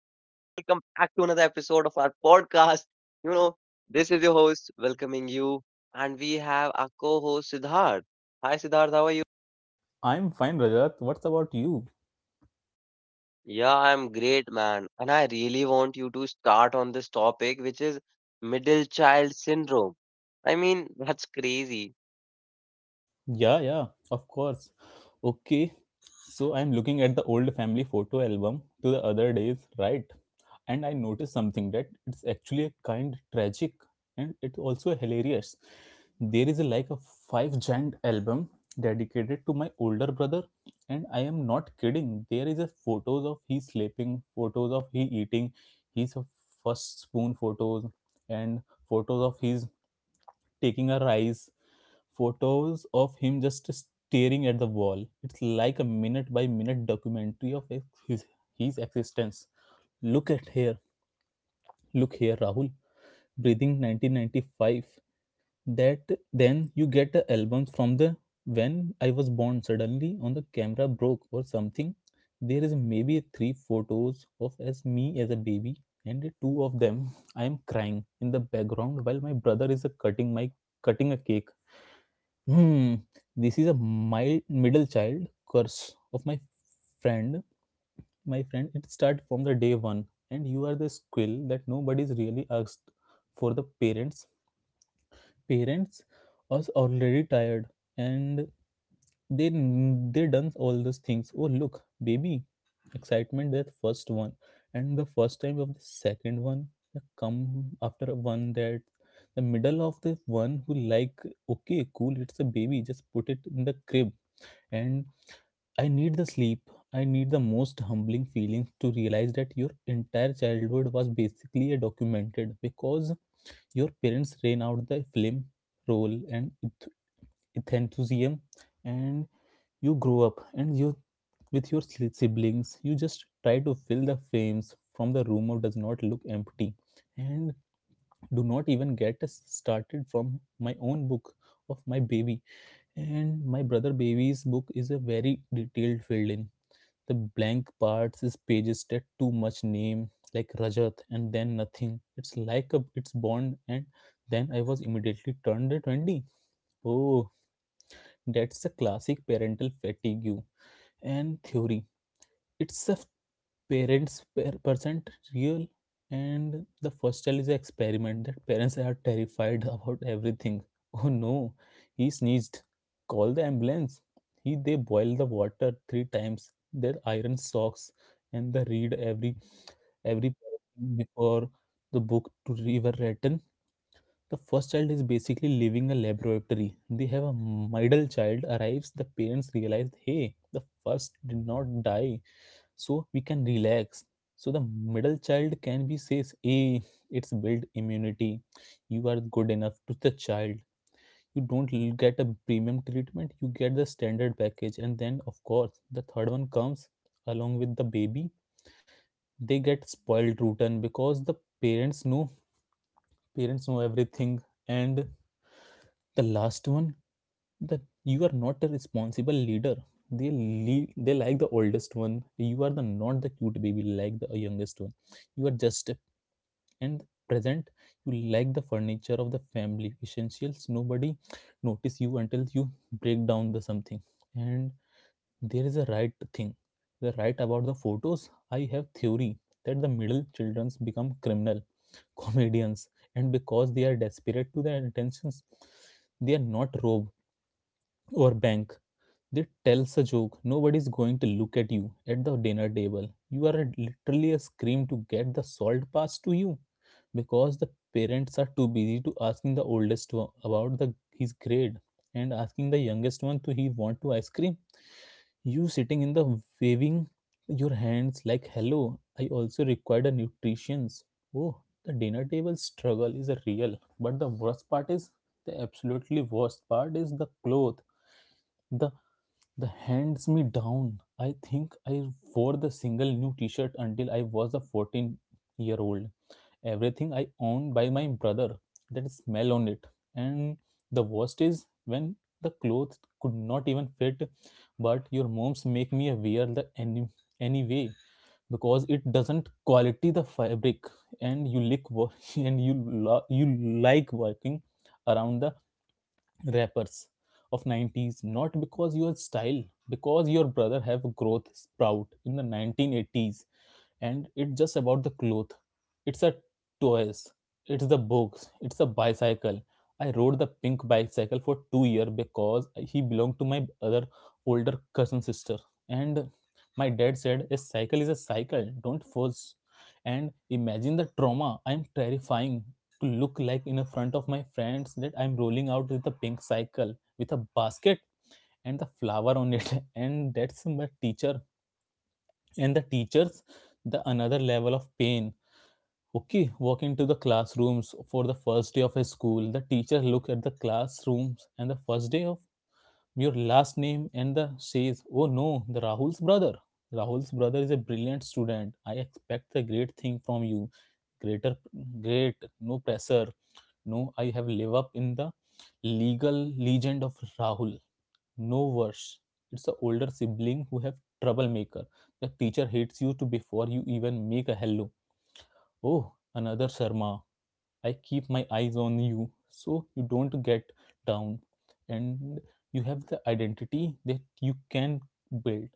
to another episode of our podcast. You know, this is your host welcoming you, and we have our co host Siddharth. Hi, Siddharth, how are you? I'm fine, Rajat. What's about you? Yeah, I'm great, man. And I really want you to start on this topic, which is middle child syndrome. I mean, that's crazy. Yeah, of course. Okay, so I'm looking at the old family photo album to the other days, right? And I noticed something that it's actually a kind tragic and it's also hilarious. There is like a five giant album dedicated to my older brother, and I am not kidding. There is a photos of he sleeping, photos of he eating, his first spoon photos, and photos of his taking a rise photos of him just staring at the wall. It's like a minute by minute documentary of his existence. Look at here, look here, Rahul. Breathing 1995. That then you get the albums from the when I was born. Suddenly on the camera broke or something. There is maybe three photos of as me as a baby, and two of them I am crying in the background while my brother is cutting my cutting a cake. Hmm. This is a mild middle child curse of my friend. My friend, it started from the day one, and you are the squill that nobody's really asked for the parents. Parents was already tired, and they done all those things. Oh look, baby, excitement that first one, and the first time of the second one. The come after one that the middle of the one who like okay cool it's a baby just put it in the crib and I need the sleep I need the most humbling feelings to realize that your entire childhood was basically a documented because your parents ran out the film role and enthusiasm and you grow up and you with your siblings you just try to fill the frames from the room of does not look empty and do not even get us started from my own book of my baby and my brother baby's book is a very detailed filled in the blank parts is pages that too much name, like Rajat, and then nothing. It's like a it's Bond, and then I was immediately turned at 20. Oh, that's a classic parental fatigue and theory. It's a parents per percent real and the first child is an experiment that parents are terrified about everything. Oh no, he sneezed, call the ambulance. He they boil the water three times, their iron socks, and they read every paragraph before the book to river written. The first child is basically living a laboratory. They have a middle child arrives the parents realize, hey, the first did not die, so we can relax. So the middle child can be says, hey, it's build immunity, you are good enough to the child. You don't get a premium treatment, you get the standard package. And then of course the third one comes along with the baby, they get spoiled rotten because the parents know parents know everything. And. The last one, that you are not a responsible leader. They like the oldest one. You are the not the cute baby like the youngest one. You are just a and present, you like the furniture of the family essentials, nobody notice you until you break down the something. And there is a right thing, the right about the photos. I have theory that the middle childrens become criminal comedians, and because they are desperate to their attentions, they are not rob or bank, they tells a joke. Nobody's going to look at you at the dinner table, you are a- literally a scream to get the salt passed to you because the parents are too busy to asking the oldest one about the his grade and asking the youngest one to he want to ice cream. You sitting in the waving your hands like hello, I also required a nutritions. Oh, the dinner table struggle is a real, but the worst part is the absolutely worst part is the cloth, the the hands me down. I think I wore the single new t-shirt until I was a 14-year old. Everything I owned by my brother. That smell on it. And the worst is when the clothes could not even fit, but your moms make me wear the anyway because it doesn't quality the fabric. And you and you you like working around the rappers of 90's not because your style, because your brother have growth sprout in the 1980s. And it's just about the cloth, it's a toys, it's the books, it's a bicycle. I rode the pink bicycle for two year because he belonged to my other older cousin sister, and my dad said a cycle is a cycle, don't force. And imagine the trauma, I'm terrifying to look like in the front of my friends that I'm rolling out with a pink cycle with a basket and the flower on it. And that's my teacher. And the teachers, the another level of pain. Okay, walk into the classrooms for the first day of a school. The teacher look at the classrooms and the first day of your last name and the says, oh no, the rahul's brother is a brilliant student, I expect a great thing from you. Greater great, no pressure. No, I have live up in the legal legend of rahul. No worse, it's the older sibling who have troublemaker, the teacher hates you to before you even make a hello. Oh, another Sharma. I keep my eyes on you so you don't get down. And you have the identity that you can build.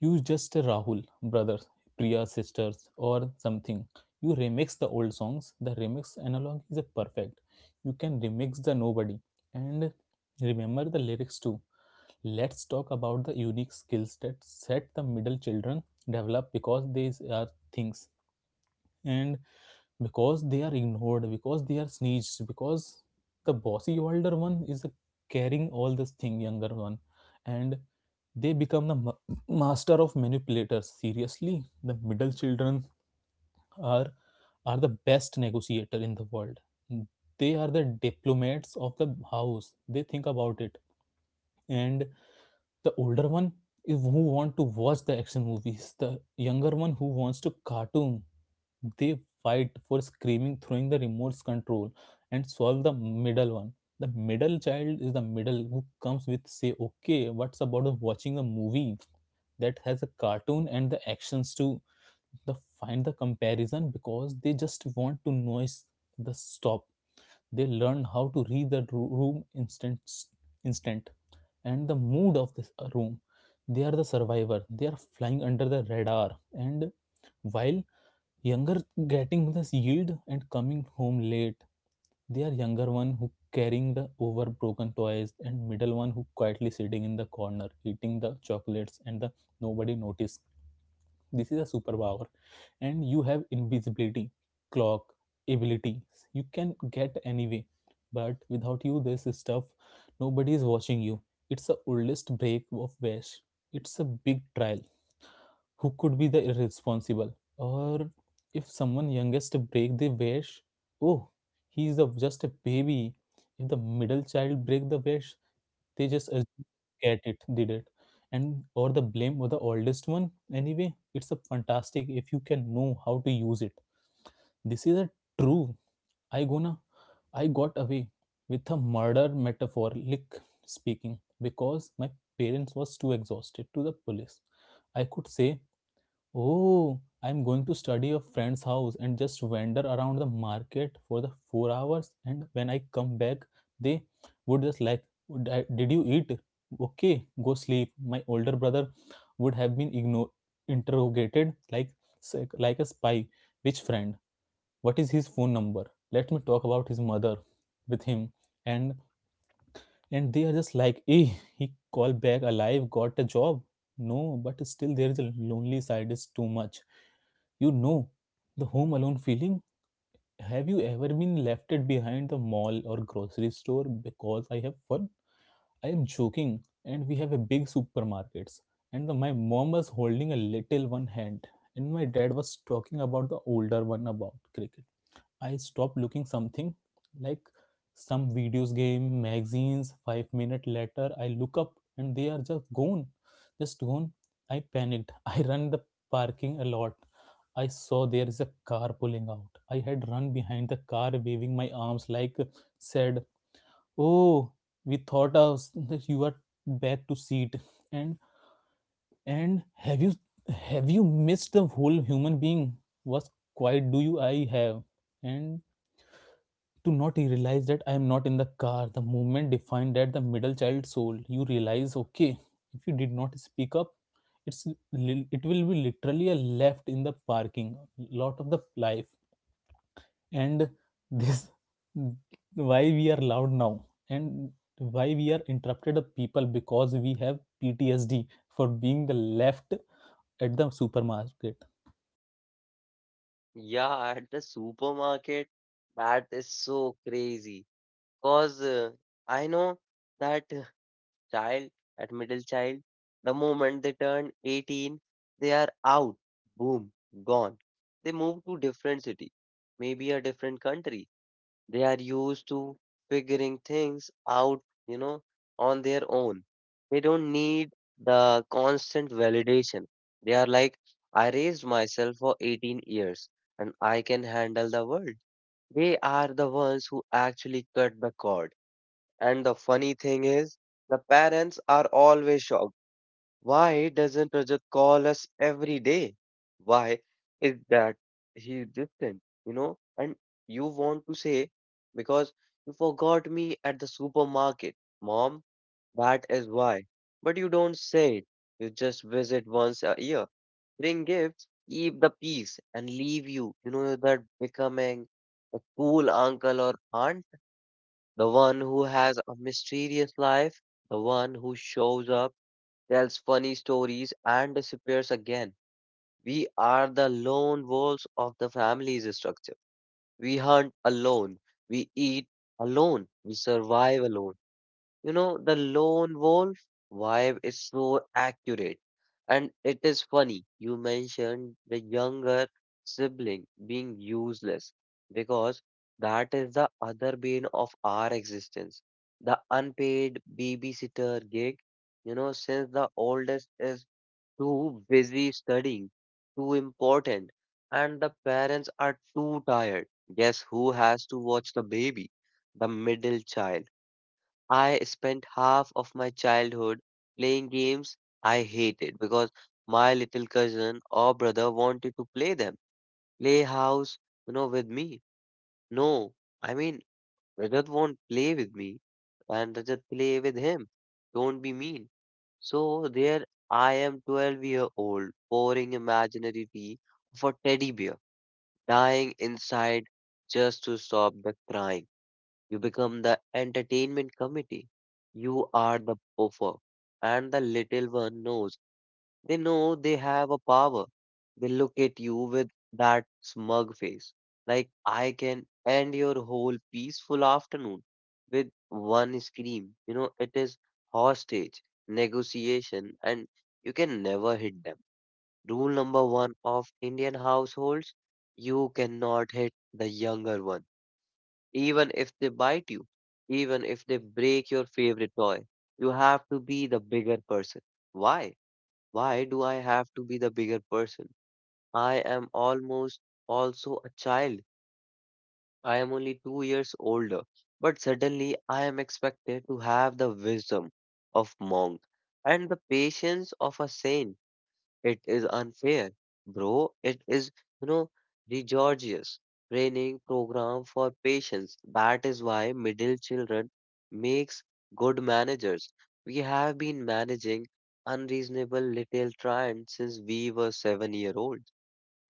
You just a Rahul, brothers, Priya sisters or something. You remix the old songs. The remix analog is a perfect. You can remix the nobody and remember the lyrics too. Let's talk about the unique skills that set the middle children develop because these are things and because they are ignored, because they are sneezed, because the bossy older one is carrying all this thing younger one, and they become the master of manipulators. Seriously, the middle children are are the best negotiator in the world. They are the diplomats of the house, they think about it. And the older one is who want to watch the action movies. The younger one who wants to cartoon. They fight for screaming, throwing the remote control, and solve the middle one. The middle child is the middle who comes with say, okay, what's about watching a movie that has a cartoon and the actions to the find the comparison because they just want to noise the stop. They learn how to read the room, instant, and the mood of this room. They are the survivor, they are flying under the radar. And while younger getting this yield and coming home late, they are younger one who carrying the over broken toys and middle one who quietly sitting in the corner eating the chocolates and the nobody notice. This is a superpower, and you have invisibility, clock, ability. You can get anyway, but without you, this stuff, nobody is watching you. It's the oldest break of Vash. It's a big trial who could be the irresponsible. Or if someone youngest break the vase, oh, he is a, just a baby. If the middle child break the vase, they just assume get it did it, and or the blame or the oldest one anyway. It's a fantastic if you can know how to use it. This is a true, i gonna I got away with a murder metaphor. Metaphoric speaking because my parents was too exhausted to the police. I could say, oh, I'm going to study a friend's house and just wander around the market for the 4 hours. And when I come back, they would just like, "Would Did you eat? Okay, go sleep. My older brother would have been interrogated like, like a spy. Which friend? What is his phone number? Let me talk about his mother with him. And and they are just like, eh, he called back alive, got a job. No, but still there is a lonely side is too much, you know, the home alone feeling. Have you ever been left it behind the mall or grocery store? Because I have fun, I am joking, and we have a big supermarkets. And my mom was holding a little one hand, and my dad was talking about the older one about cricket. I stopped looking something like some videos game magazines five minute later. I look up and they are just gone, just gone. I panicked, I run the parking a lot. I saw there is a car pulling out, I had run behind the car waving my arms like said, oh, we thought of that you are back to seat. And and have you missed the whole human being? What quite do you I have? And to not realize that I am not in the car. The moment defined that the middle child soul. You realize, okay, if you did not speak up, it's it will be literally a left in the parking lot of the life. And this why we are loud now and why we are interrupted of people because we have PTSD for being the left at the supermarket. Yeah, at the supermarket, that is so crazy. Because I know that child at middle child. The moment they turn 18, they are out, boom, gone. They move to different city, maybe a different country. They are used to figuring things out, you know, on their own. They don't need the constant validation. They are like, I raised myself for 18 years and I can handle the world. They are the ones who actually cut the cord, and the funny thing is, the parents are always shocked. Why doesn't Rajat call us every day? Why is that he distant? You know, and you want to say, because you forgot me at the supermarket. Mom, that is why. But you don't say it. You just visit once a year, bring gifts, keep the peace, and leave you. You know, that becoming a cool uncle or aunt, the one who has a mysterious life, the one who shows up, tells funny stories, and disappears again. We are the lone wolves of the family's structure. We hunt alone, we eat alone, we survive alone. You know, the lone wolf vibe is so accurate. And it is funny, you mentioned the younger sibling being useless because that is the other bane of our existence. The unpaid babysitter gig, you know, since the oldest is too busy studying, too important, and the parents are too tired. Guess who has to watch the baby? The middle child. I spent half of my childhood playing games I hated because my little cousin or brother wanted to play them. Play house, you know, with me. No, I mean, Rajat won't play with me and Rajat play with him. Don't be mean. So there I am, 12-year-old pouring imaginary tea for teddy bear, dying inside just to stop the crying. You become the entertainment committee. You are the buffer. And the little one knows. They know they have a power. They look at you with that smug face. Like, I can end your whole peaceful afternoon with one scream. You know, it is hostage, negotiation, and you can never hit them. Rule number one of Indian households, you cannot hit the younger one even if they bite you, even if they break your favorite toy, you have to be the bigger person. Why? Why do I have to be the bigger person? I am almost also a child. I am only 2 years older. But suddenly I am expected to have the wisdom of monk and the patience of a saint. It is unfair, bro. It is, you know, the Georgia's training program for patients. That is why middle children makes good managers. We have been managing unreasonable little giant since we were 7 year old.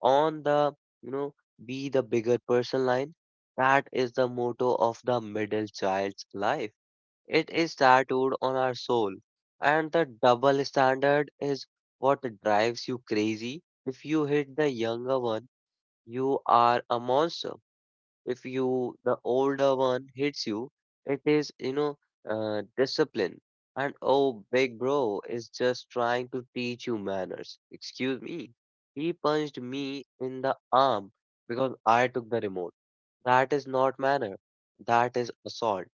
On the, you know, be the bigger person line. That is the motto of the middle child's life. It is tattooed on our soul. And the double standard is what drives you crazy. If you hit the younger one, you are a monster. If you, the older one hits you, it is, you know, discipline. And oh, big bro is just trying to teach you manners. Excuse me. He punched me in the arm because I took the remote. That is not manner. That is assault.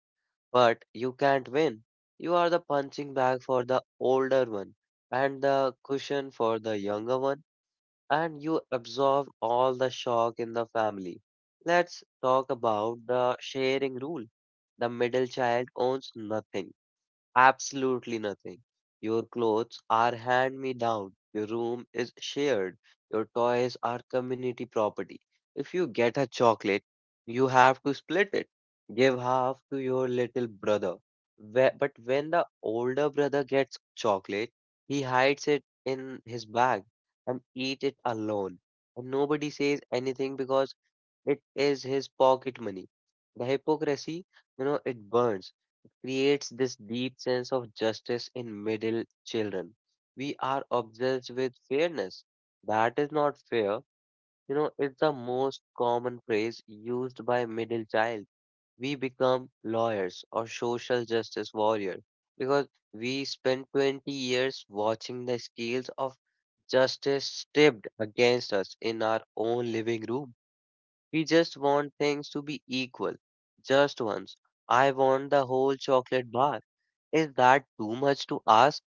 But you can't win. You are the punching bag for the older one and the cushion for the younger one, and you absorb all the shock in the family. Let's talk about the sharing rule. The middle child owns nothing. Absolutely nothing. Your clothes are hand me down. Your room is shared. Your toys are community property. If you get a chocolate, you have to split it. Give half to your little brother. But when the older brother gets chocolate, he hides it in his bag and eat it alone. And nobody says anything because it is his pocket money. The hypocrisy, you know, it burns. It creates this deep sense of justice in middle children. We are obsessed with fairness. That is not fair. You know, it's the most common phrase used by middle child. We become lawyers or social justice warriors because we spend 20 years watching the scales of justice tipped against us in our own living room. We just want things to be equal, just once. I want the whole chocolate bar. Is that too much to ask?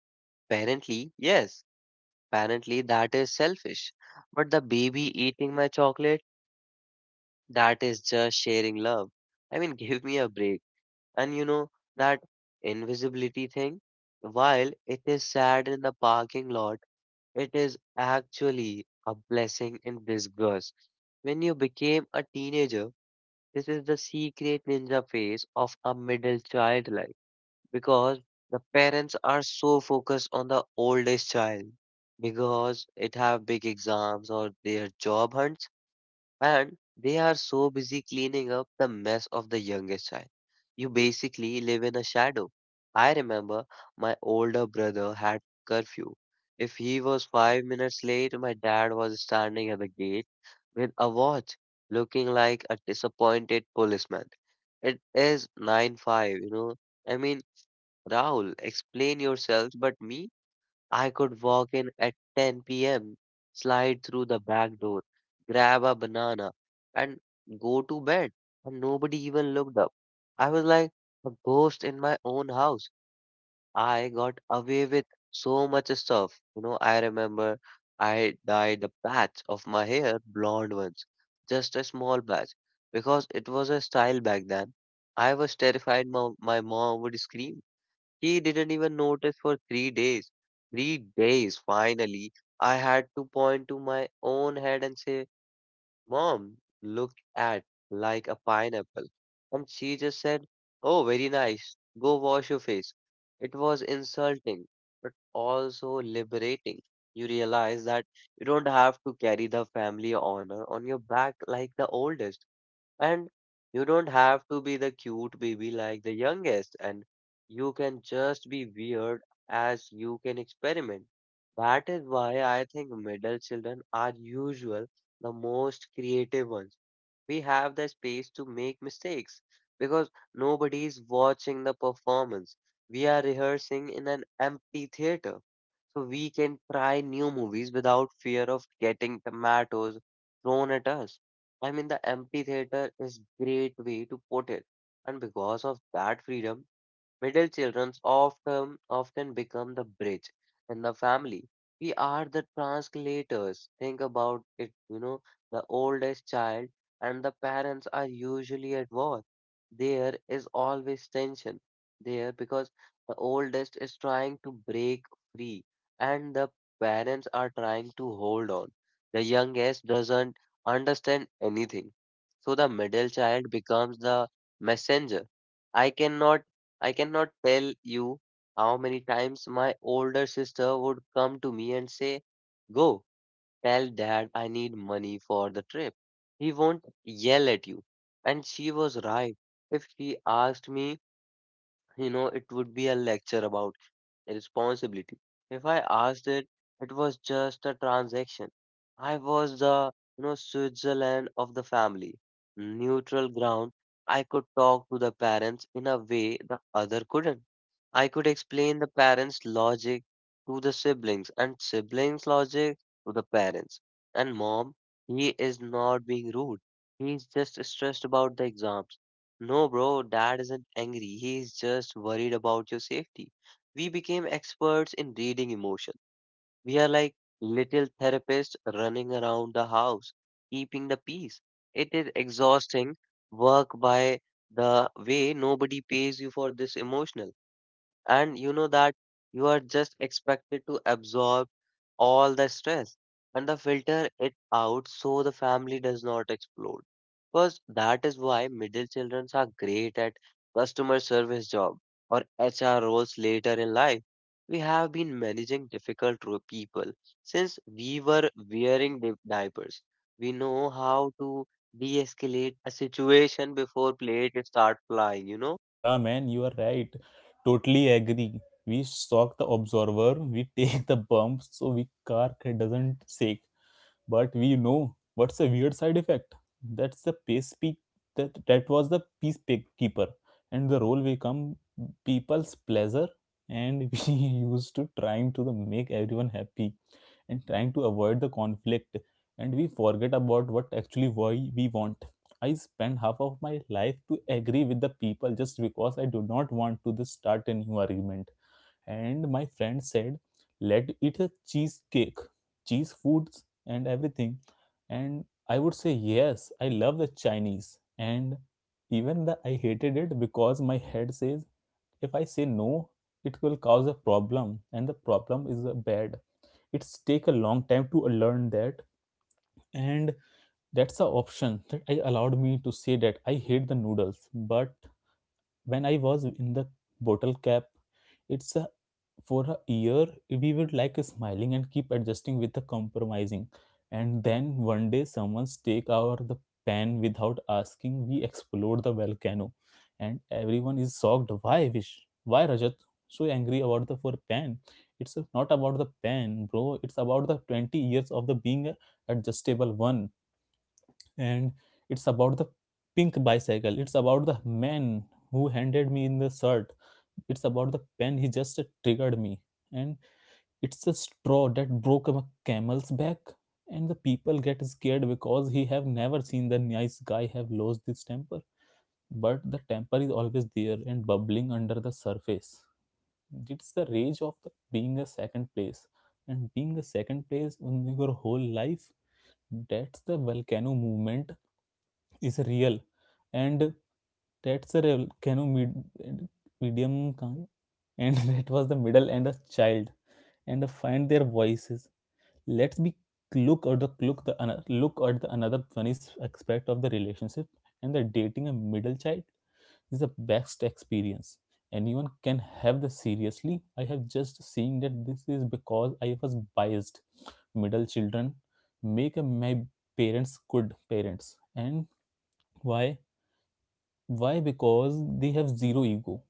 Apparently, yes. Apparently, that is selfish. But the baby eating my chocolate, that is just sharing love. I mean, give me a break. And you know, that invisibility thing, while it is sad in the parking lot, it is actually a blessing in disguise. When you became a teenager, this is the secret ninja phase of a middle child life because the parents are so focused on the oldest child because it have big exams or their job hunts, and they are so busy cleaning up the mess of the youngest child. You basically live in a shadow. I remember my older brother had curfew. If he was 5 minutes late, my dad was standing at the gate with a watch, looking like a disappointed policeman. It is 9-5, you know. I mean, Raul, explain yourself, but me, I could walk in at 10 p.m., slide through the back door, grab a banana, and go to bed. And nobody even looked up. I was like a ghost in my own house. I got away with so much stuff. You know, I remember I dyed a patch of my hair blonde once, just a small patch, because it was a style back then. I was terrified my mom would scream. She didn't even notice for 3 days. 3 days, finally. I had to point to my own head and say, Mom looked at like a pineapple, and she just said, Oh, very nice. Go wash your face. It was insulting, but also liberating. You realize that you don't have to carry the family honor on your back like the oldest. And you don't have to be the cute baby like the youngest, and you can just be weird as you can experiment. That is why I think middle children are usual the most creative ones. We have the space to make mistakes because nobody is watching the performance. We are rehearsing in an empty theater. So we can try new movies without fear of getting tomatoes thrown at us. I mean, the amphitheater is great way to put it. And because of that freedom, middle children often become the bridge in the family. We are the translators. Think about it, you know, the oldest child and the parents are usually at war. There is always tension there because the oldest is trying to break free and the parents are trying to hold on. The youngest doesn't understand anything. So the middle child becomes the messenger. I cannot I cannot tell you how many times my older sister would come to me and say, Go, tell dad I need money for the trip. He won't yell at you. And she was right. If she asked me, you know, it would be a lecture about responsibility. If I asked it, it was just a transaction. I was the, you know, Switzerland of the family, neutral ground. I could talk to the parents in a way the other couldn't. I could explain the parents' logic to the siblings and siblings' logic to the parents. And mom, he is not being rude. He's just stressed about the exams. No, bro, dad isn't angry. He's just worried about your safety. We became experts in reading emotion. We are like little therapists running around the house, keeping the peace. It is exhausting work, by the way, nobody pays you for this emotional, and you know that you are just expected to absorb all the stress and the filter it out so the family does not explode. Because that is why middle children are great at customer service job or HR roles later in life. We have been managing difficult people since we were wearing diapers. We know how to de-escalate a situation before plate start flying, you know? Yeah, man, you are right. Totally agree. We shock the observer, we take the bumps so we car doesn't shake. But we know what's the weird side effect. That's the pace peak that was the peace keeper. And the role we come people's pleasure and we used to trying to the make everyone happy and trying to avoid the conflict and we forget about what actually why we want. I spend half of my life to agree with the people just because I do not want to this start a new argument. And my friend said, let it a cheesecake, cheese foods and everything. And I would say, yes, I love the Chinese. And even the, I hated it because my head says, if I say no, it will cause a problem and the problem is bad. It's take a long time to learn that and that's the option that I allowed me to say that I hate the noodles, but when I was in the bottle cap, it's a, for a year we would like smiling and keep adjusting with the compromising, and then one day someone take out the pan without asking. We explode the volcano, and everyone is shocked. Why wish? Why Rajat so angry about the for pan? It's not about the pan, bro. It's about the 20 years of the being a adjustable one and it's about the pink bicycle, it's about the man who handed me in the shirt, it's about the pen, he just triggered me, and it's a straw that broke a camel's back, and the people get scared because he have never seen the nice guy have lost his temper, but the temper is always there and bubbling under the surface. It's the rage of the being a second place and being a second place in your whole life. That's the volcano movement, is real. And that's a real canoe medium kind. And that was the middle and a child and find their voices. Let's be look at the look at the another funny aspect of the relationship, and the dating a middle child is the best experience anyone can have, the seriously I have just seen that this is because I was biased. Middle children make a, my parents good parents. And why? Why? Because they have zero ego.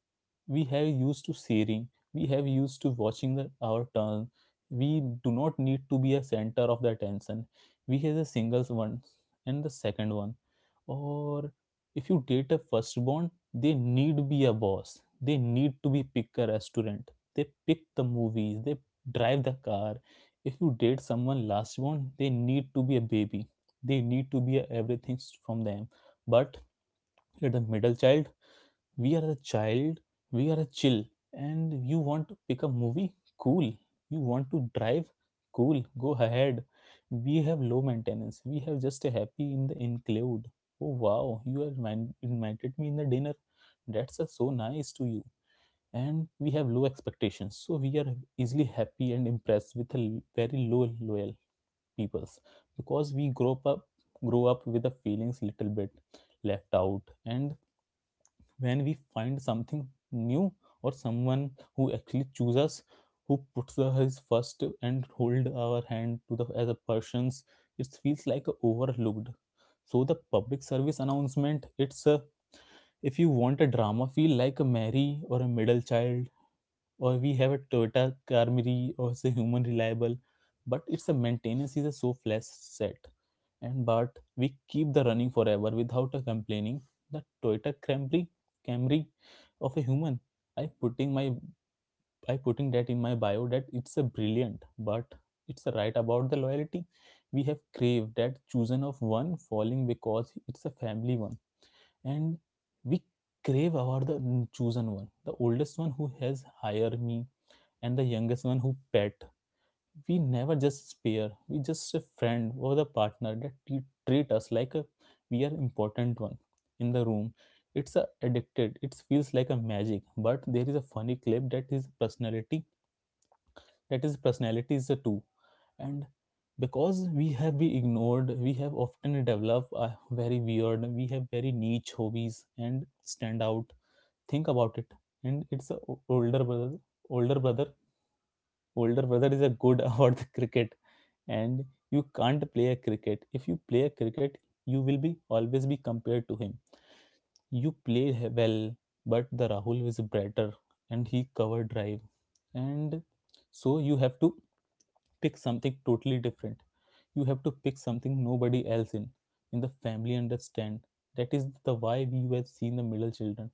We have used to sharing. We have used to watching the, our turn. We do not need to be a center of the attention. We have the singles one and the second one. Or if you date a firstborn, they need be a boss. They need to be pick a restaurant. They pick the movies. They drive the car. If you date someone lastborn, they need to be a baby. They need to be a everything from them. But you're the middle child, we are the child, we are a chill, and you want to pick a movie, cool. You want to drive, cool, go ahead. We have low maintenance, we have just a happy in the include. Oh wow, you have invited me in the dinner, that's so nice to you. And we have low expectations, so we are easily happy and impressed with a very low loyal peoples, because we grow up, grow up with the feelings little bit left out, and when we find something new or someone who actually chooses us, who puts his first and hold our hand to the as a persons, it feels like overlooked. So the public service announcement, it's a, if you want a drama feel like a mary or a middle child, or we have a Toyota Camry or say human reliable, but it's a maintenance is a so flash set, and but we keep the running forever without a complaining. The Toyota Camry, Camry of a human, I putting my I putting that in my bio, that it's a brilliant, but it's a right about the loyalty. We have craved that chosen of one falling because it's a family one, and we crave about the chosen one, the oldest one who has hired me and the youngest one who pet. We never just spare. We just a friend or the partner that treat us like a, we are important one in the room. It's a addicted. It feels like a magic. But there is a funny clip that is personality. That is personality is a two, and because we have been ignored, we have often developed a very weird. We have very niche hobbies and stand out. Think about it. And it's a older brother older brother is a good about the cricket, and you can't play a cricket. If you play a cricket you will be always be compared to him. You play well, but the rahul is better and he cover drive. And so you have to pick something totally different. You have to pick something nobody else in the family understand. That is the why we have seen the middle children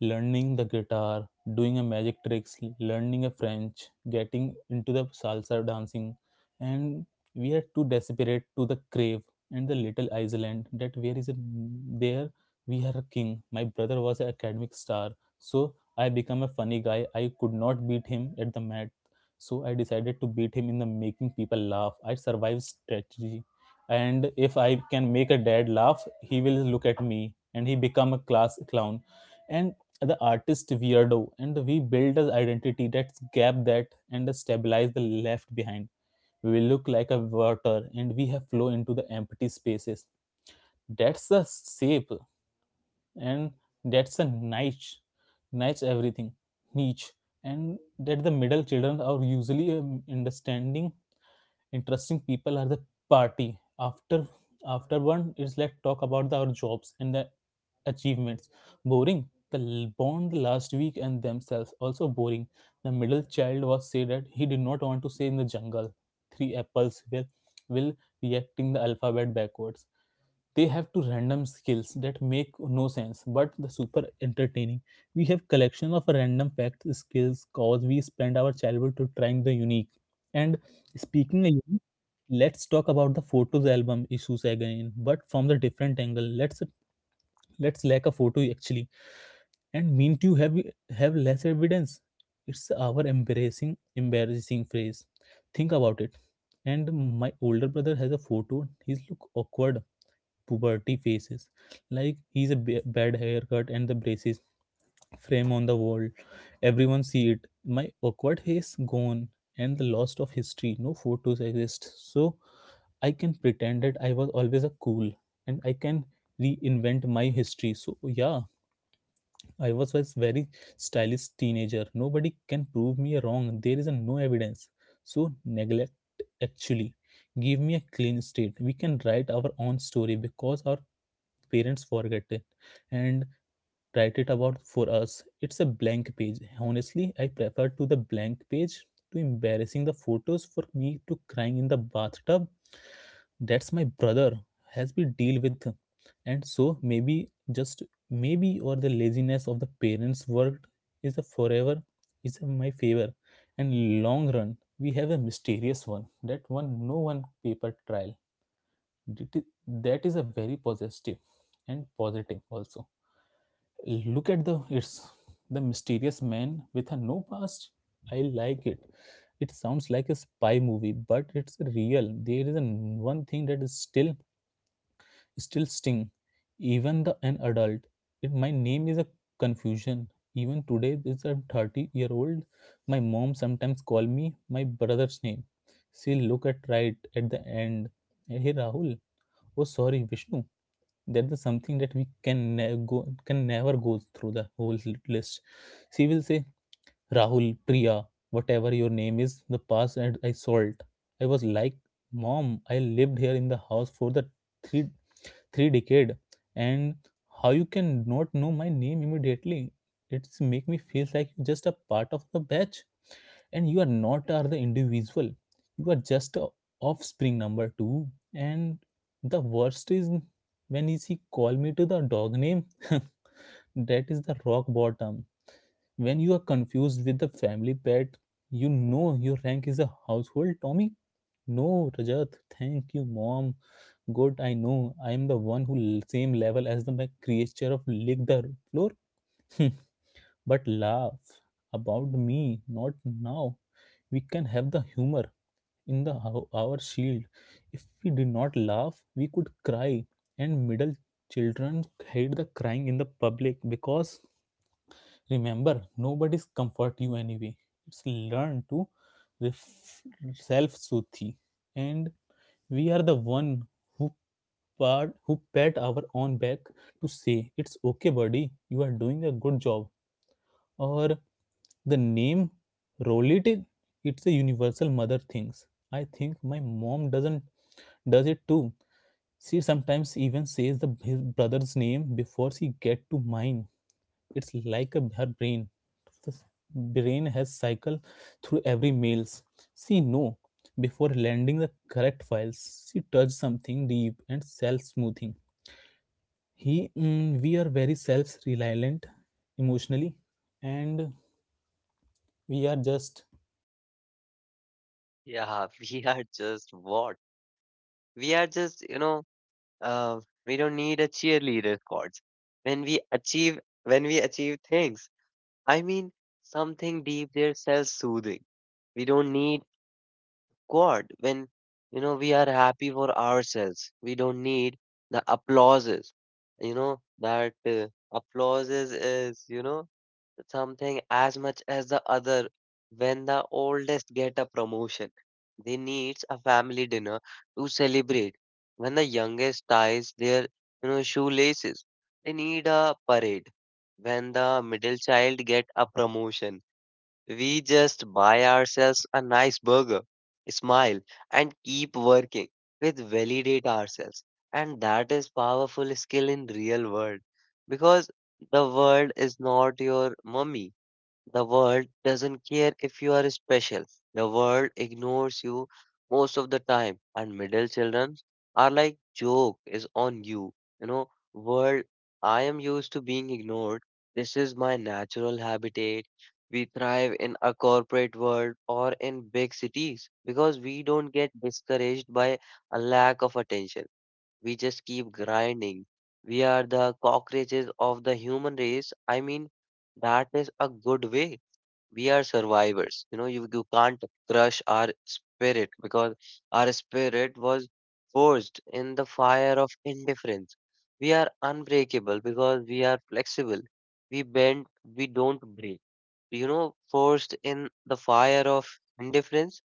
learning the guitar, doing a magic tricks, learning a French, getting into the salsa dancing, and we are too desperate to the crave and the little island that where is a, there we are a king. My brother was an academic star, so I become a funny guy. I could not beat him at the mat, so I decided to beat him in the making people laugh. I survived strategy, and if I can make a dad laugh he will look at me and he become a class clown and the artist weirdo, and we build an identity. That gap that and stabilize the left behind, we look like a water and we have flow into the empty spaces. That's the shape. And that's a niche, niche everything, niche. And that the middle children are usually understanding interesting people are the party. after After one is, let's talk about the, our jobs and the achievements. Boring. The bond last week and themselves also boring. The middle child was said that he did not want to say in the jungle, three apples will will reacting the alphabet backwards. They have two random skills that make no sense but the super entertaining. We have collection of random facts skills cause we spend our childhood to trying the unique. And speaking a unique, let's talk about the photos album issues again but from the different angle. Let's lack a photo actually, and mean to have less evidence. It's our embarrassing phrase. Think about it. And my older brother has a photo, he's look awkward, puberty faces, like he's a bad haircut and the braces frame on the wall, everyone see it. My awkward face gone, and the loss of history, no photos exist. So I can pretend that I was always a cool, and I can reinvent my history. So yeah, I was very stylish teenager. Nobody can prove me wrong. There is a no evidence. So neglect actually give me a clean state. We can write our own story because our parents forget it and write it about for us. It's a blank page. Honestly I prefer to the blank page to embarrassing the photos for me to crying in the bathtub. That's my brother has we deal with. And so maybe, just maybe, or the laziness of the parents worked is a forever is in my favor. And long run we have a mysterious one that one no one paper trial. That is, that is a very positive, and positive also. Look at the it's the mysterious man with a no past. I like it. It sounds like a spy movie, but it's real. There is a one thing that is still still sting, even the an adult. It, my name is a confusion. Even today, this a 30-year-old. My mom sometimes call me my brother's name. She look at right at the end. Hey Rahul. Oh sorry, Vishnu, that is something that we can ne- go can never go through the whole list. She will say Rahul, Priya, whatever your name is the past, and I saw it. I was like, mom, I lived here in the house for the three three decade, and how you can not know my name immediately? It's make me feel like you're just a part of the batch, and you are not are the individual. You are just a offspring number two. And the worst is when is he call me to the dog name that is the rock bottom. When you are confused with the family pet, you know your rank is a household tommy. No, Rajat, thank you mom. Good, I know. I am the one who same level as the my creature of lick the floor. But laugh about me, not now. We can have the humor in the our shield. If we did not laugh, we could cry, and middle children hate the crying in the public because remember, nobody's comfort you anyway. It's learn to ref- self-soothe, and we are the one who part who pat our own back to say it's okay, buddy, you are doing a good job. Or the name Rolit, it's a universal mother things. I think my mom doesn't does it too. She sometimes even says the his brother's name before she get to mine. It's like a, her brain. The brain has cycle through every mails. She know before landing the correct files. She touch something deep and self smoothing. He we are very self reliant emotionally, and we are just. Yeah, we are just what? We are just, you know, uh, we don't need a cheerleader squads. When we achieve, when we achieve things, I mean something deep there, self-soothing. We don't need squad when, you know, we are happy for ourselves. We don't need the applauses. You know that applauses is, you know, something as much as the other. When the oldest get a promotion, they needs a family dinner to celebrate. When the youngest ties their shoelaces, they need a parade. When the middle child get a promotion, we just buy ourselves a nice burger, smile, and keep working with validate ourselves. And that is powerful skill in real world, because the world is not your mummy. The world doesn't care if you are special. The world ignores you most of the time. And middle children are like, joke is on you. You know, world, I am used to being ignored. This is my natural habitat. We thrive in a corporate world or in big cities because we don't get discouraged by a lack of attention. We just keep grinding. We are the cockroaches of the human race. I mean, that is a good way, we are survivors. You know, you can't crush our spirit because our spirit was forged in the fire of indifference. We are unbreakable because we are flexible. We bend, we don't break. You know, forged in the fire of indifference,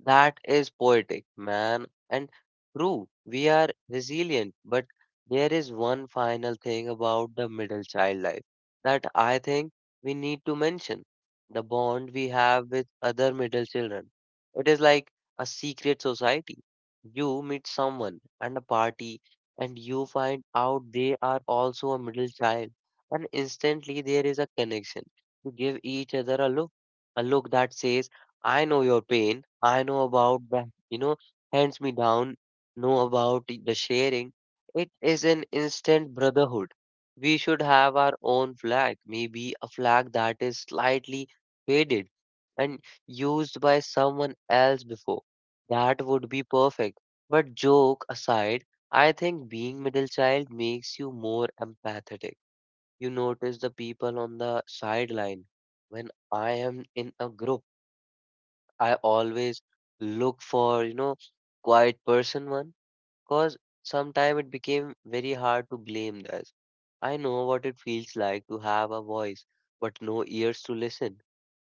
that is poetic, man. And true, we are resilient, but there is one final thing about the middle child life that I think we need to mention: the bond we have with other middle children. It is like a secret society. You meet someone and a party, and you find out they are also a middle child, and instantly there is a connection. You give each other a look that says, I know your pain. I know about the, you know, hands me down, know about the sharing. It is an instant brotherhood. We should have our own flag, maybe a flag that is slightly faded and used by someone else before. That would be perfect. But joke aside, I think being middle child makes you more empathetic. You notice the people on the sideline. When I am in a group, I always look for, you know, quiet person one, cause sometime it became very hard to blame this. I know what it feels like to have a voice, but no ears to listen.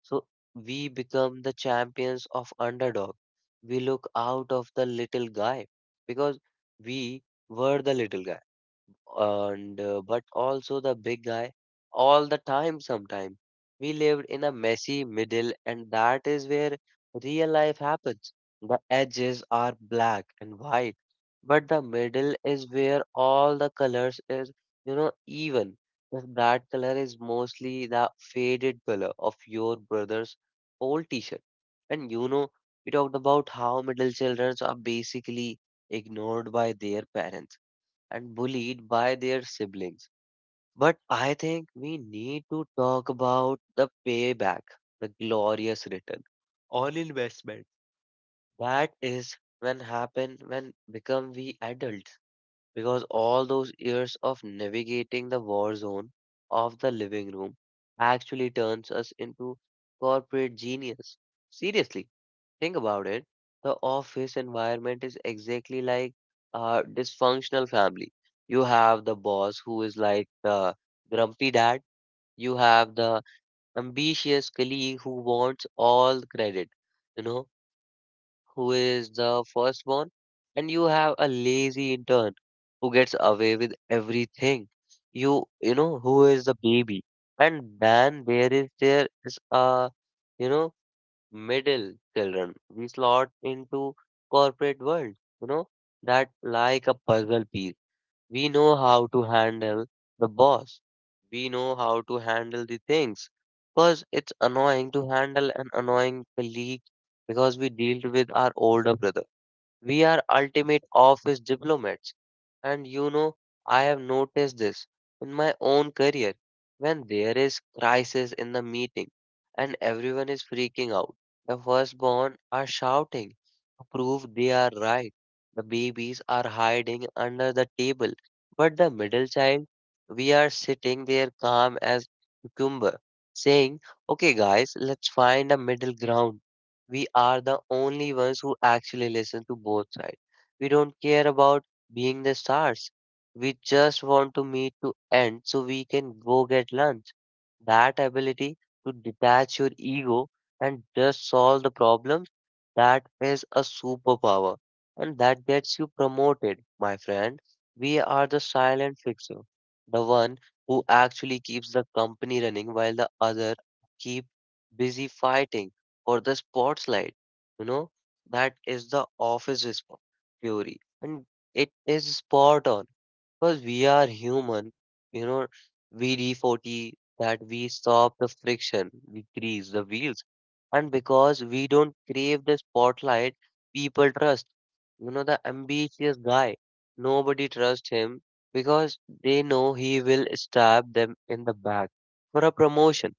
So we become the champions of underdog. We look out of the little guy because we were the little guy, and but also the big guy all the time. Sometime we lived in a messy middle, and that is where real life happens. The edges are black and white, but the middle is where all the colors is. You know, even if that color is mostly the faded color of your brother's old t-shirt. And you know, we talked about how middle children are basically ignored by their parents and bullied by their siblings. But I think we need to talk about the payback, the glorious return on investment. That is when happen when become we adults, because all those years of navigating the war zone of the living room actually turns us into corporate genius. Seriously, think about it. The office environment is exactly like a dysfunctional family. You have the boss who is like the grumpy dad. You have the ambitious colleague who wants all the credit, you know, who is the firstborn. And you have a lazy intern who gets away with everything. You know, who is the baby. And then there is a, you know, middle children we slot into corporate world, you know, that like a puzzle piece. We know how to handle the boss, we know how to handle the things, because it's annoying to handle an annoying colleague, because we dealt with our older brother. We are ultimate office diplomats. And you know, I have noticed this in my own career. When there is crisis in the meeting and everyone is freaking out, the firstborn are shouting to prove they are right. The babies are hiding under the table, but the middle child, we are sitting there calm as cucumber, saying, okay guys, let's find a middle ground. We are the only ones who actually listen to both sides. We don't care about being the stars. We just want to meet to end so we can go get lunch. That ability to detach your ego and just solve the problems, that is a superpower. And that gets you promoted, my friend. We are the silent fixer, the one who actually keeps the company running while the other keep busy fighting or the spotlight. You know, that is the office response theory, and it is spot on because we are human. You know, we d40 that, we stop the friction, we grease the wheels. And because we don't crave the spotlight, people trust. You know, the ambitious guy, nobody trusts him because they know he will stab them in the back for a promotion.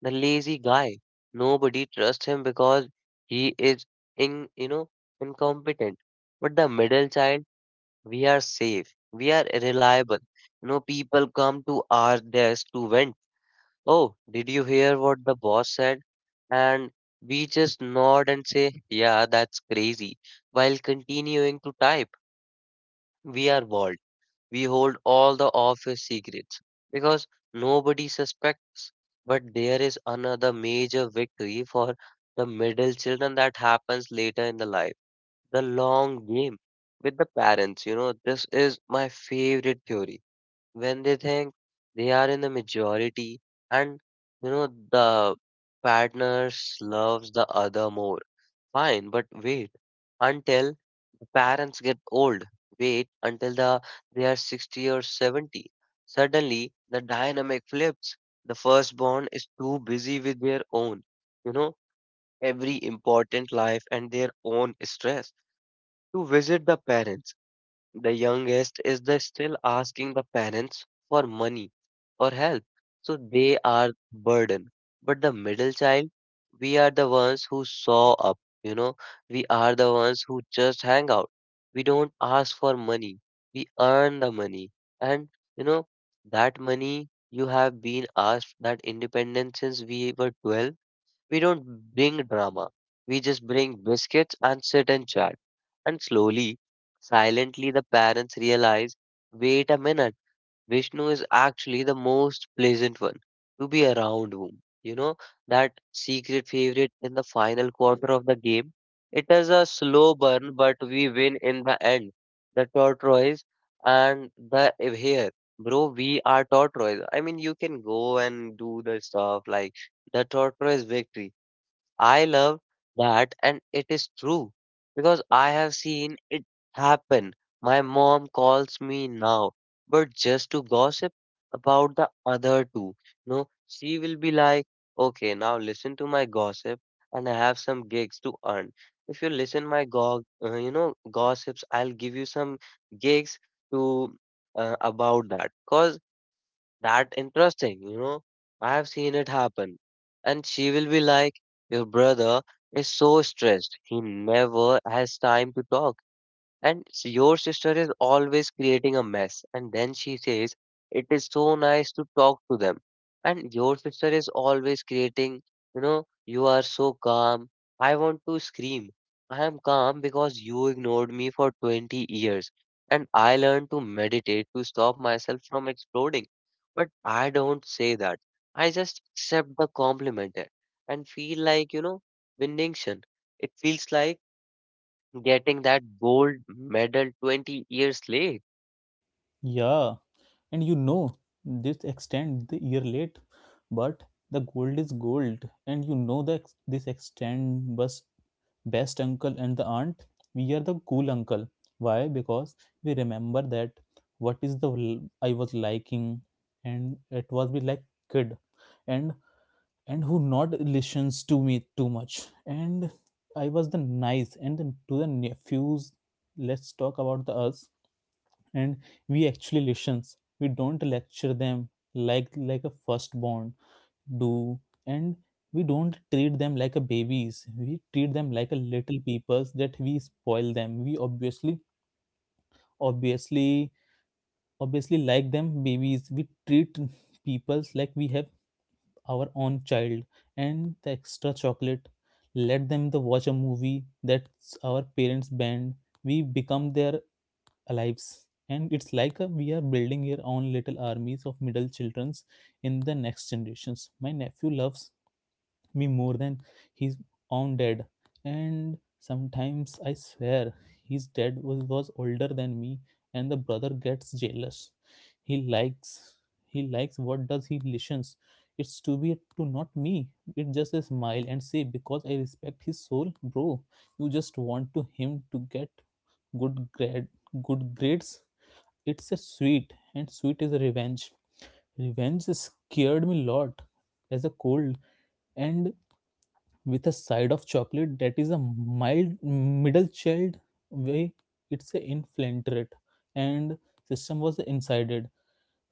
The lazy guy, nobody trusts him because he is you know, incompetent. But the middle child, we are safe. We are reliable. You know, people come to our desk to vent. Oh, did you hear what the boss said? And we just nod and say, yeah, that's crazy, while continuing to type. We are bored. We hold all the office secrets because nobody suspects. But there is another major victory for the middle children that happens later in the life, the long game with the parents. You know, this is my favorite theory. When they think they are in the majority and, you know, the partners loves the other more. Fine, but wait until the parents get old. Wait until the they are 60 or 70. Suddenly the dynamic flips. The firstborn is too busy with their own, you know, every important life and their own stress to visit the parents. The youngest is the still asking the parents for money or help, so they are burden. But the middle child, we are the ones who saw up, you know, we are the ones who just hang out. We don't ask for money, we earn the money. And you know, that money you have been asked, that independence since we were 12, we don't bring drama. We just bring biscuits and sit and chat. And slowly, silently, the parents realize, wait a minute, Vishnu is actually the most pleasant one to be around whom. You know, that secret favorite in the final quarter of the game. It is a slow burn, but we win in the end. The tortoise and the hare. Bro, we are tortoise. I mean, you can go and do the stuff like the tortoise victory. I love that, and it is true because I have seen it happen. My mom calls me now, but just to gossip about the other two. No, she will be like, okay, now listen to my gossip, and I have some gigs to earn. If you listen my you know, gossips, I'll give you some gigs to about that. Cause that interesting, you know. I have seen it happen. And she will be like, your brother is so stressed, he never has time to talk. And your sister is always creating a mess. And then she says, it is so nice to talk to them. And your sister is always creating, you know, you are so calm. I want to scream. I am calm because you ignored me for 20 years. And I learned to meditate to stop myself from exploding. But I don't say that. I just accept the compliment and feel like, you know, vindication. It feels like getting that gold medal 20 years late. Yeah, and you know, this extend the year late, but the gold is gold, and you know that this extend was best uncle and the aunt. We are the cool uncle. Why? Because we remember that what is the I was liking, and it was be like kid, and who not listens to me too much, and I was the nice and then to the nephews. Let's talk about the us, and we actually listens. We don't lecture them like a firstborn do. And we don't treat them like a babies. We treat them like a little peoples that we spoil them. We obviously obviously like them babies. We treat peoples like we have our own child and the extra chocolate. Let them the watch a movie that's our parents banned. We become their lives, and it's like a, we are building our own little armies of middle childrens in the next generations. My nephew loves me more than his own dad, and sometimes I swear his dad was older than me, and the brother gets jealous. He likes, he likes what does he listens. It's to be to not me. It just a smile and say because I respect his soul, bro. You just want to him to get good grade, good grades. It's a sweet, and sweet is a revenge. Revenge scared me lot as a cold, and with a side of chocolate, that is a mild middle child way. It's a infiltrate, and system was insided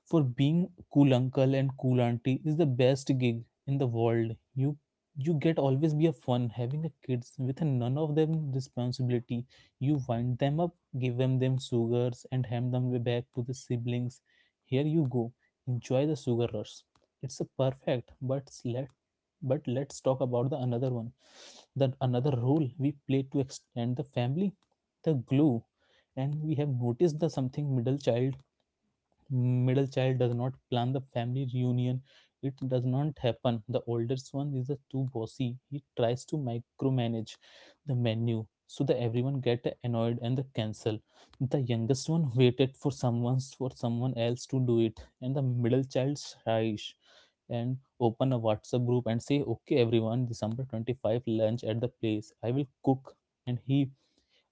for being cool uncle, and cool auntie is the best gig in the world. You get always be a fun having a kids with a none of them responsibility. You wind them up, give them them sugars, and hand them back to the siblings. Here you go. Enjoy the sugar rush. It's a perfect, but let's talk about the another one. The another role we play to extend the family, the glue. And we have noticed the something middle child, does not plan the family reunion, it does not happen. The oldest one is the too bossy, he tries to micromanage the menu so that everyone get annoyed and the cancel. The youngest one waited for someone else to do it, and the middle child shies and open a WhatsApp group and say, okay everyone, december 25th lunch at the place, I will cook. And he,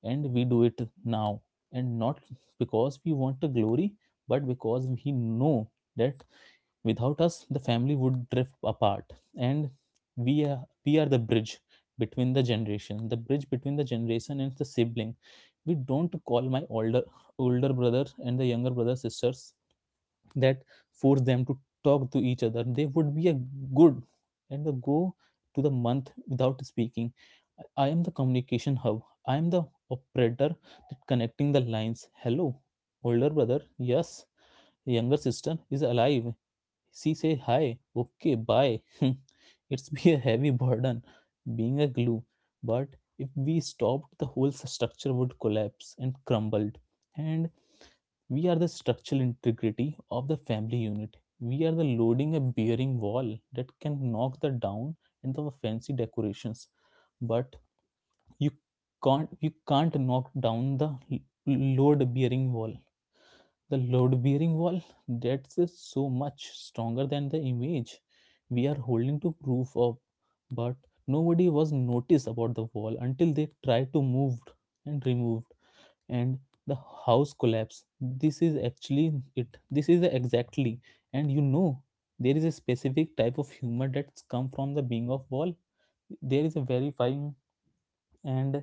and we do it now, and not because we want the glory, but because we know that without us the family would drift apart, and we are the bridge between the generation, and the sibling. We don't call my older brother and the younger brother sisters that force them to talk to each other. They would be a good and the go to the month without speaking. I am the communication hub. I am the operator that connecting the lines. Hello, older brother. Yes, younger sister is alive. She say hi. Okay, bye. It's be a heavy burden being a glue, but if we stopped, the whole structure would collapse and crumbled. And we are the structural integrity of the family unit. We are the loading and bearing wall that can knock the down and the fancy decorations. But you can't knock down the load bearing wall. The load bearing wall that's so much stronger than the image we are holding to proof of. But nobody was noticed about the wall until they tried to move and removed, and the house collapse. This is actually it, this is exactly. And you know, there is a specific type of humor that's come from the being of wall. There is a verifying, and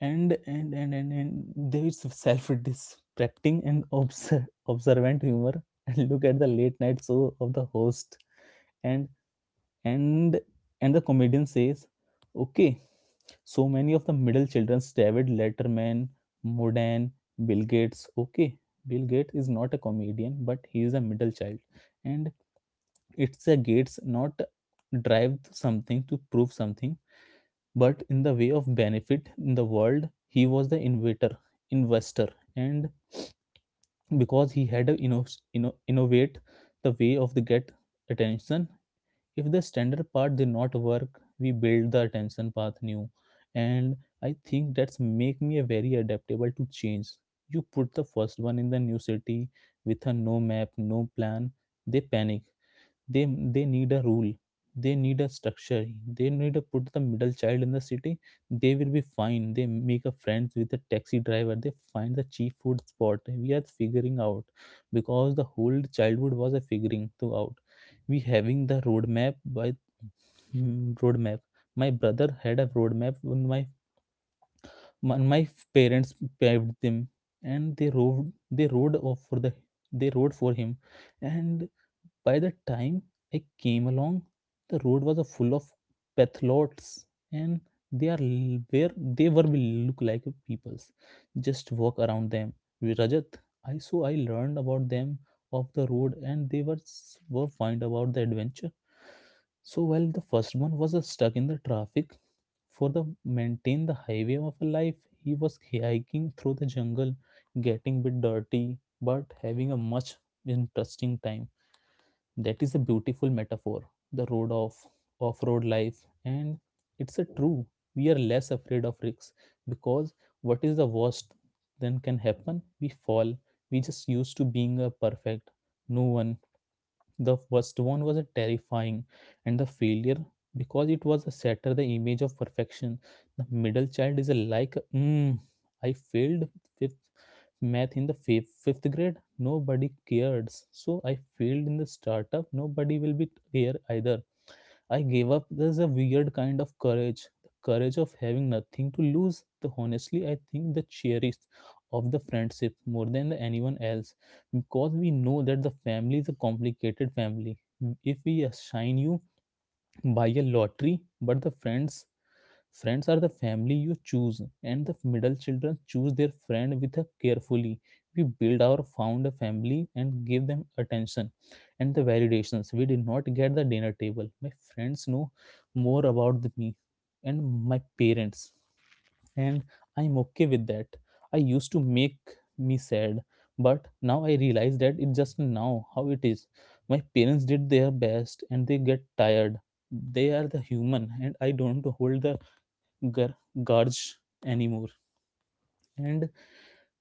and there is self-distracting and observant humor. And look at the late night show of the host, and and and the comedian says, okay, so many of the middle children: David Letterman, Modern, Bill Gates. Okay, Bill Gates is not a comedian, but he is a middle child. And it's a Gates not drive something to prove something, but in the way of benefit in the world, he was the innovator, investor. And because he had to innovate the way of the get attention. If the standard part did not work, we build the attention path new. And I think that's make me a very adaptable to change. You put the first one in the new city with a no map, no plan, they panic. they they need a rule, they need a structure. They need to put the middle child in the city, they will be fine. They make a friends with the taxi driver, they find the cheap food spot. We are figuring out because the whole childhood was a figuring to out. We having the roadmap by. Hmm, roadmap. My brother had a roadmap when my parents paved them, and they rode off for the, they rode for him. And by the time I came along, the road was a full of patholots, and they are where they were will look like peoples. Just walk around them. With Rajat, I learned about them off the road, and they were were fine about the adventure. So while the first one was stuck in the traffic for the maintain the highway of a life, he was hiking through the jungle, getting bit dirty, but having a much interesting time. That is a beautiful metaphor, the road of off road life. And it's a true. We are less afraid of risks because what is the worst then can happen? We fall. We just used to being a perfect. No one, the first one was a terrifying, and the failure because it was a shatter the image of perfection. The middle child is a like, I failed fifth math in the fifth grade. Nobody cares, so I failed in the startup. Nobody will be here either. I gave up. There's a weird kind of courage, the courage of having nothing to lose. The honestly, I think the cherished of the friendship more than the anyone else, because we know that the family is a complicated family. If we assign you by a lottery, but the friends, friends are the family you choose, and the middle children choose their friend with a carefully. We build our found a family and give them attention and the validations. We did not get the dinner table. My friends know more about me and my parents, and I'm okay with that. I used to make me sad, but now I realize that it's just now how it is. My parents did their best and they get tired. They are the human, and I don't hold the gar- gorge anymore. and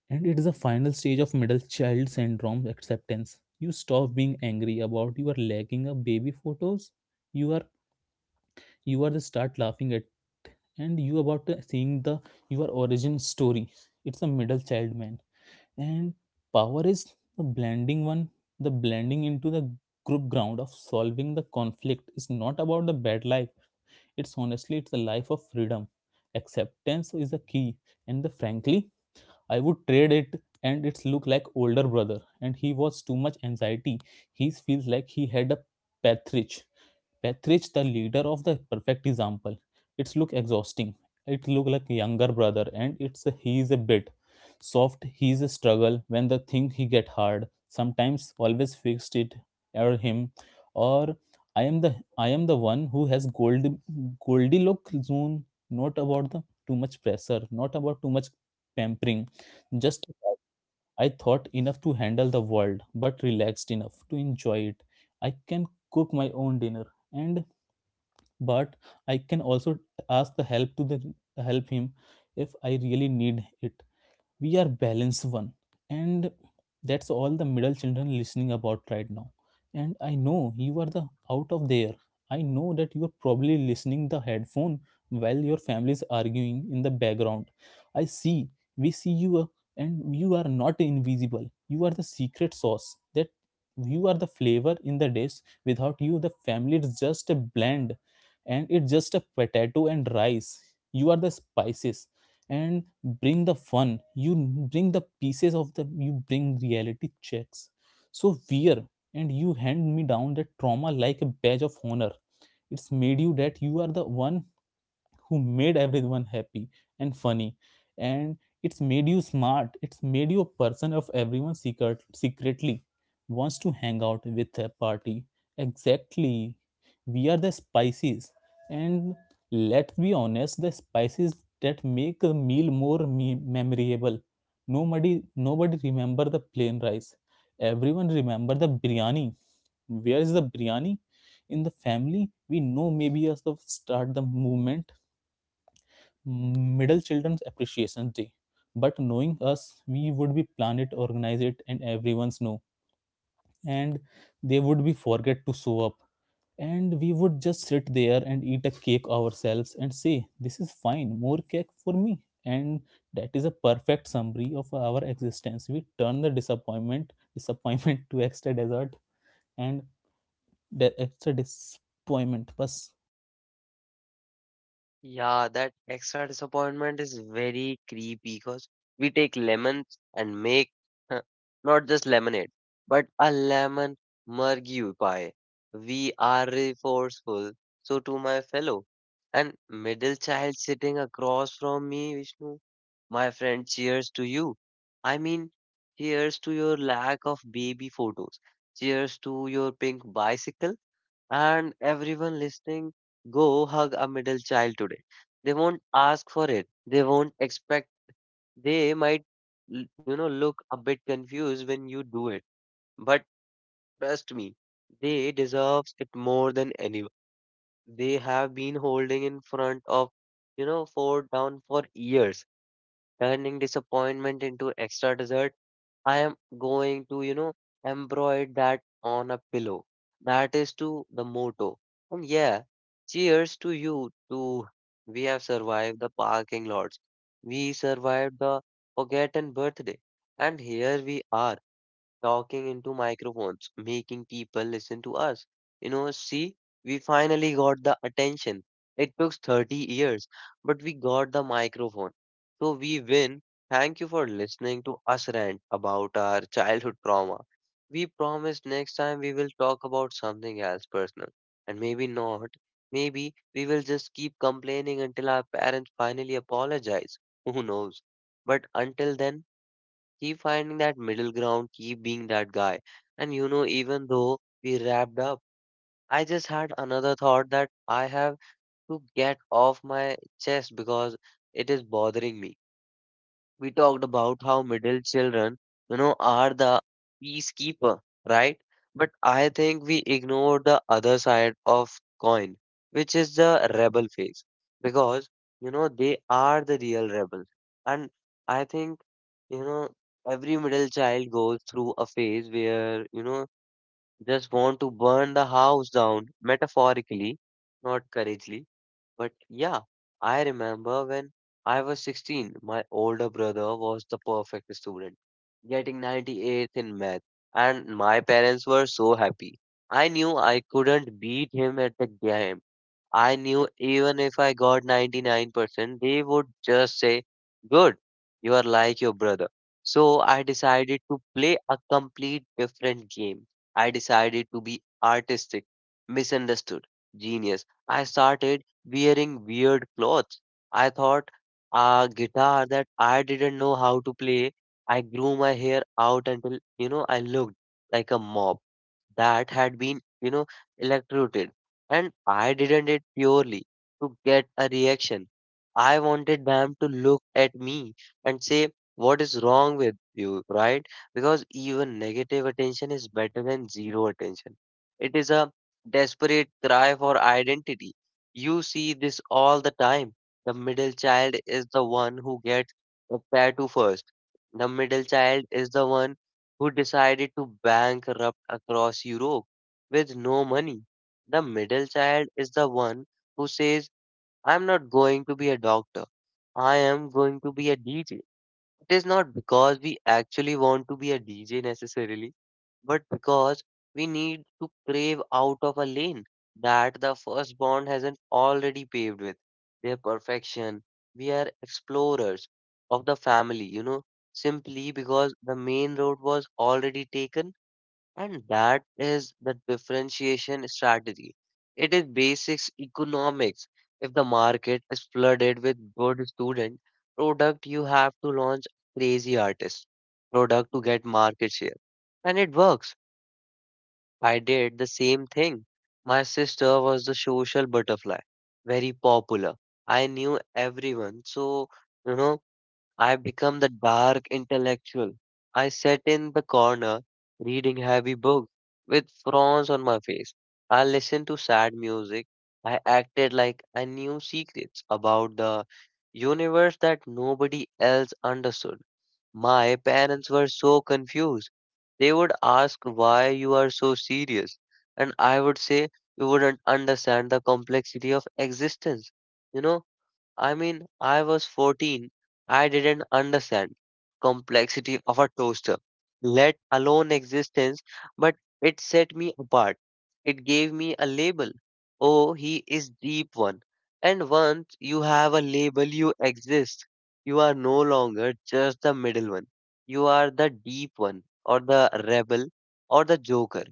and it is a final stage of middle child syndrome acceptance. You stop being angry about your lacking of baby photos. you are you are the start laughing at and you about seeing the your origin story. It's a middle child man, and power is the blending one, the blending into the group ground of solving the conflict is not about the bad life. It's honestly it's the life of freedom. Acceptance is a key, and the frankly, I would trade it, and it's look like older brother, and he was too much anxiety. He feels like he had a Petrich. Petrich, the leader of the perfect example. It's look exhausting. It look like younger brother, and it's a, he is a bit soft. He is a struggle when the thing he get hard. Sometimes always fixed it or him, or I am the one who has gold Goldilocks zone. Not about the too much pressure. Not about too much pampering. Justified. I thought enough to handle the world, but relaxed enough to enjoy it. I can cook my own dinner, and but I can also ask the help to the help him if I really need it. We are balanced one, and that's all the middle children listening about right now. And I know you are the out of there. I know that you are probably listening the headphone while your family is arguing in the background. I see, we see you, and you are not invisible. You are the secret sauce that you are the flavor in the dish. Without you the family is just a blend, and it's just a potato and rice. You are the spices and bring the fun. You bring the pieces of the, you bring reality checks. So wear, and you hand me down that trauma like a badge of honor. It's made you that you are the one who made everyone happy and funny, and it's made you smart. It's made you a person of everyone secretly wants to hang out with a party. Exactly, we are the spices, and let's be honest, the spices that make a meal more memorable. nobody nobody remember the plain rice. Everyone remember the biryani. Where is the biryani in the family? We know maybe us to start the movement, Middle Children's Appreciation Day. But knowing us, we would be plan it, organize it, and everyone's know. And they would be forget to show up. And we would just sit there and eat a cake ourselves and say, this is fine, more cake for me. And that is a perfect summary of our existence. We turn the disappointment to extra dessert, and the extra disappointment. Bas Yeah, that extra disappointment is very creepy because we take lemons and make, huh, not just lemonade, but a lemon murgue pie. We are resourceful, so to my fellow. And middle child sitting across from me, Vishnu, my friend, cheers to you. I mean, cheers to your lack of baby photos. Cheers to your pink bicycle. And everyone listening, go hug a middle child today. They won't ask for it. They won't expect. They might, you know, look a bit confused when you do it. But trust me, they deserve it more than anyone. They have been holding in front of, you know, four down for years, turning disappointment into extra dessert. I am going to, you know, embroider that on a pillow. That is to the motto. And yeah, cheers to you too. We have survived the parking lots. We survived the forgotten birthday. And here we are talking into microphones, making people listen to us. You know, see, we finally got the attention. It took 30 years, but we got the microphone. So we win. Thank you for listening to us rant about our childhood trauma. We promise next time we will talk about something else personal. And maybe not. Maybe we will just keep complaining until our parents finally apologize. Who knows? But until then, keep finding that middle ground, keep being that guy. Even though we wrapped up, I just had another thought that I have to get off my chest because it is bothering me. We talked about how middle children, are the peacekeeper, right? But I think we ignore the other side of coin, which is the rebel phase, because they are the real rebels, and I think you know every middle child goes through a phase where just want to burn the house down metaphorically, not couragely but yeah, I remember when I was 16, my older brother was the perfect student, getting 98 in math, and my parents were so happy. I knew I couldn't beat him at the game. I knew even if I got 99%, they would just say, "Good, you are like your brother." So I decided to play a complete different game. I decided to be artistic, misunderstood, genius. I started wearing weird clothes. I thought a guitar that I didn't know how to play. I grew my hair out until, I looked like a mop that had been, electrocuted. And I didn't it purely to get a reaction. I wanted them to look at me and say, "What is wrong with you," right? Because even negative attention is better than zero attention. It is a desperate cry for identity. You see this all the time. The middle child is the one who gets the tattoo first. The middle child is the one who decided to bankrupt across Europe with no money. The middle child is the one who says, "I'm not going to be a doctor. I am going to be a DJ." It is not because we actually want to be a DJ necessarily, but because we need to crave out of a lane that the first bond hasn't already paved with their perfection. We are explorers of the family, simply because the main road was already taken, and that is the differentiation strategy. It is basics economics. If the market is flooded with good student product, you have to launch crazy artist product to get market share, and it works. I did the same thing. My sister was the social butterfly, very popular. I knew everyone. So, you know, I become the dark intellectual. I sat in the corner reading heavy books with frowns on my face. I listened to sad music. I acted like I knew secrets about the universe that nobody else understood. My parents were so confused. They would ask, "Why you are so serious," and I would say, "You wouldn't understand the complexity of existence." You know, I mean, I was 14. I didn't understand complexity of a toaster, let alone existence, but it set me apart. It gave me a label. Oh, he is deep one. And once you have a label, you exist. You are no longer just the middle one. You are the deep one, or the rebel, or the joker.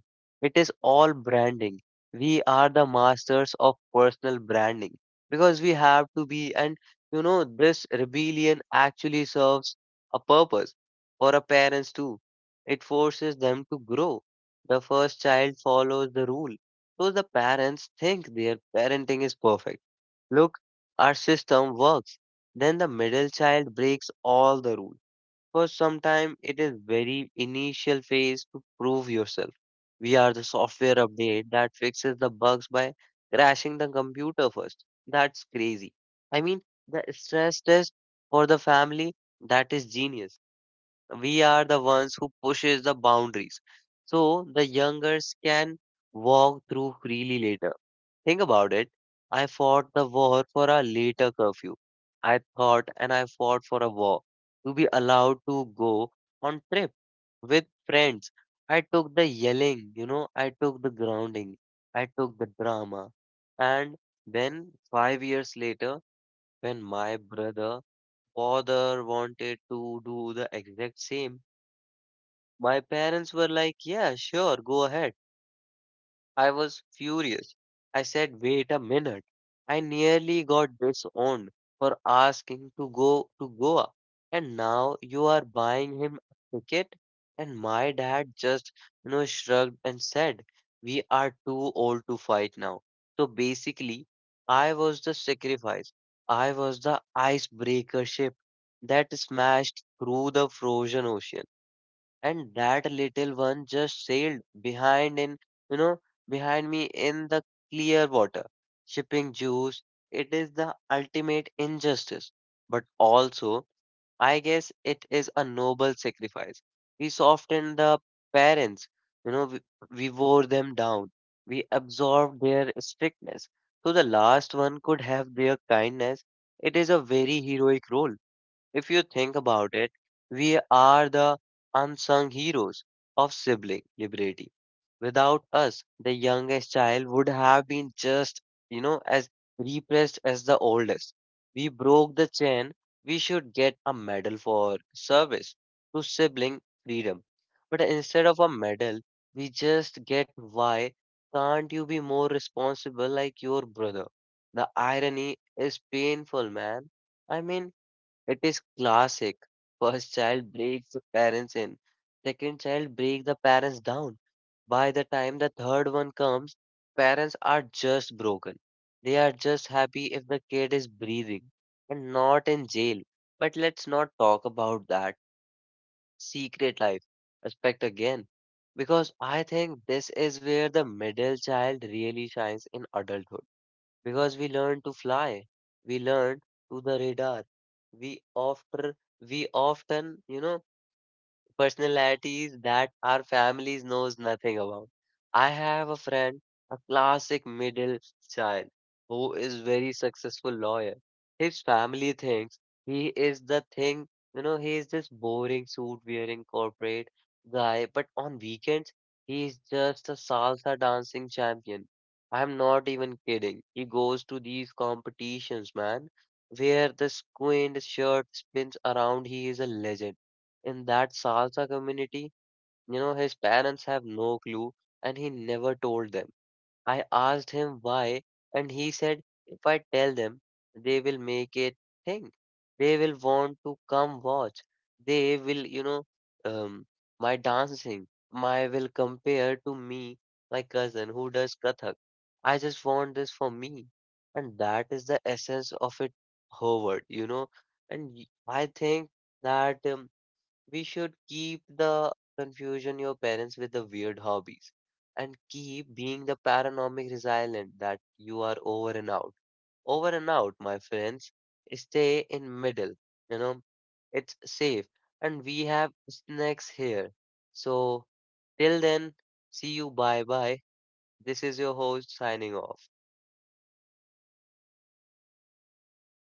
It is all branding. We are the masters of personal branding because we have to be. And this rebellion actually serves a purpose for our parents too. It forces them to grow. The first child follows the rule, so the parents think their parenting is perfect. Look, our system works. Then the middle child breaks all the rules for some time. It is very initial phase to prove yourself. We are the software update that fixes the bugs by crashing the computer first. That's crazy. I mean, the stress test for the family, that is genius. We are the ones who pushes the boundaries, so the youngers can walk through freely later. Think about it. I fought the war for a later curfew. I thought and I fought for a war to be allowed to go on trip with friends. I took the yelling, I took the grounding, I took the drama. And then 5 years later, when my brother father wanted to do the exact same, my parents were like, "Yeah, sure, go ahead." I was furious. I said, "Wait a minute. I nearly got disowned for asking to go to Goa. And now you are buying him a ticket?" And my dad just, shrugged and said, "We are too old to fight now." So basically, I was the sacrifice. I was the icebreaker ship that smashed through the frozen ocean, and that little one just sailed behind in you know behind me in the clear water shipping juice. It is the ultimate injustice, but also I guess it is a noble sacrifice. We soften the parents. you know we, we wore them down. We absorbed their strictness so the last one could have their kindness. It is a very heroic role. If you think about it, we are the unsung heroes of sibling liberty. Without us, the youngest child would have been just, as repressed as the oldest. We broke the chain. We should get a medal for service to sibling freedom. But instead of a medal, we just get, "Why can't you be more responsible like your brother?" The irony is painful, man. I mean, it is classic. First child breaks the parents in. Second child breaks the parents down. By the time the third one comes, parents are just broken. They are just happy if the kid is breathing and not in jail. But let's not talk about that secret life aspect again, because I think this is where the middle child really shines in adulthood. Because we learn to fly, we learn to the radar. We often, we often personalities that our families knows nothing about. I have a friend, a classic middle child, who is very successful lawyer. His family thinks he is the thing, he is this boring suit wearing corporate guy, but on weekends he is just a salsa dancing champion. I'm not even kidding. He goes to these competitions, man, where the squint shirt spins around. He is a legend. In that salsa community, his parents have no clue and he never told them. I asked him why, and he said, "If I tell them, they will make it thing. They will want to come watch. They will, um, my dancing, my will compare to me, my cousin who does Kathak. I just want this for me." And that is the essence of it, Howard, you know. I think that. We should keep the confusion your parents with the weird hobbies and keep being the paranormic resilient that you are. Over and out. Over and out, my friends. Stay in middle. You know, it's safe. And we have snacks here. So till then, see you, bye. This is your host signing off.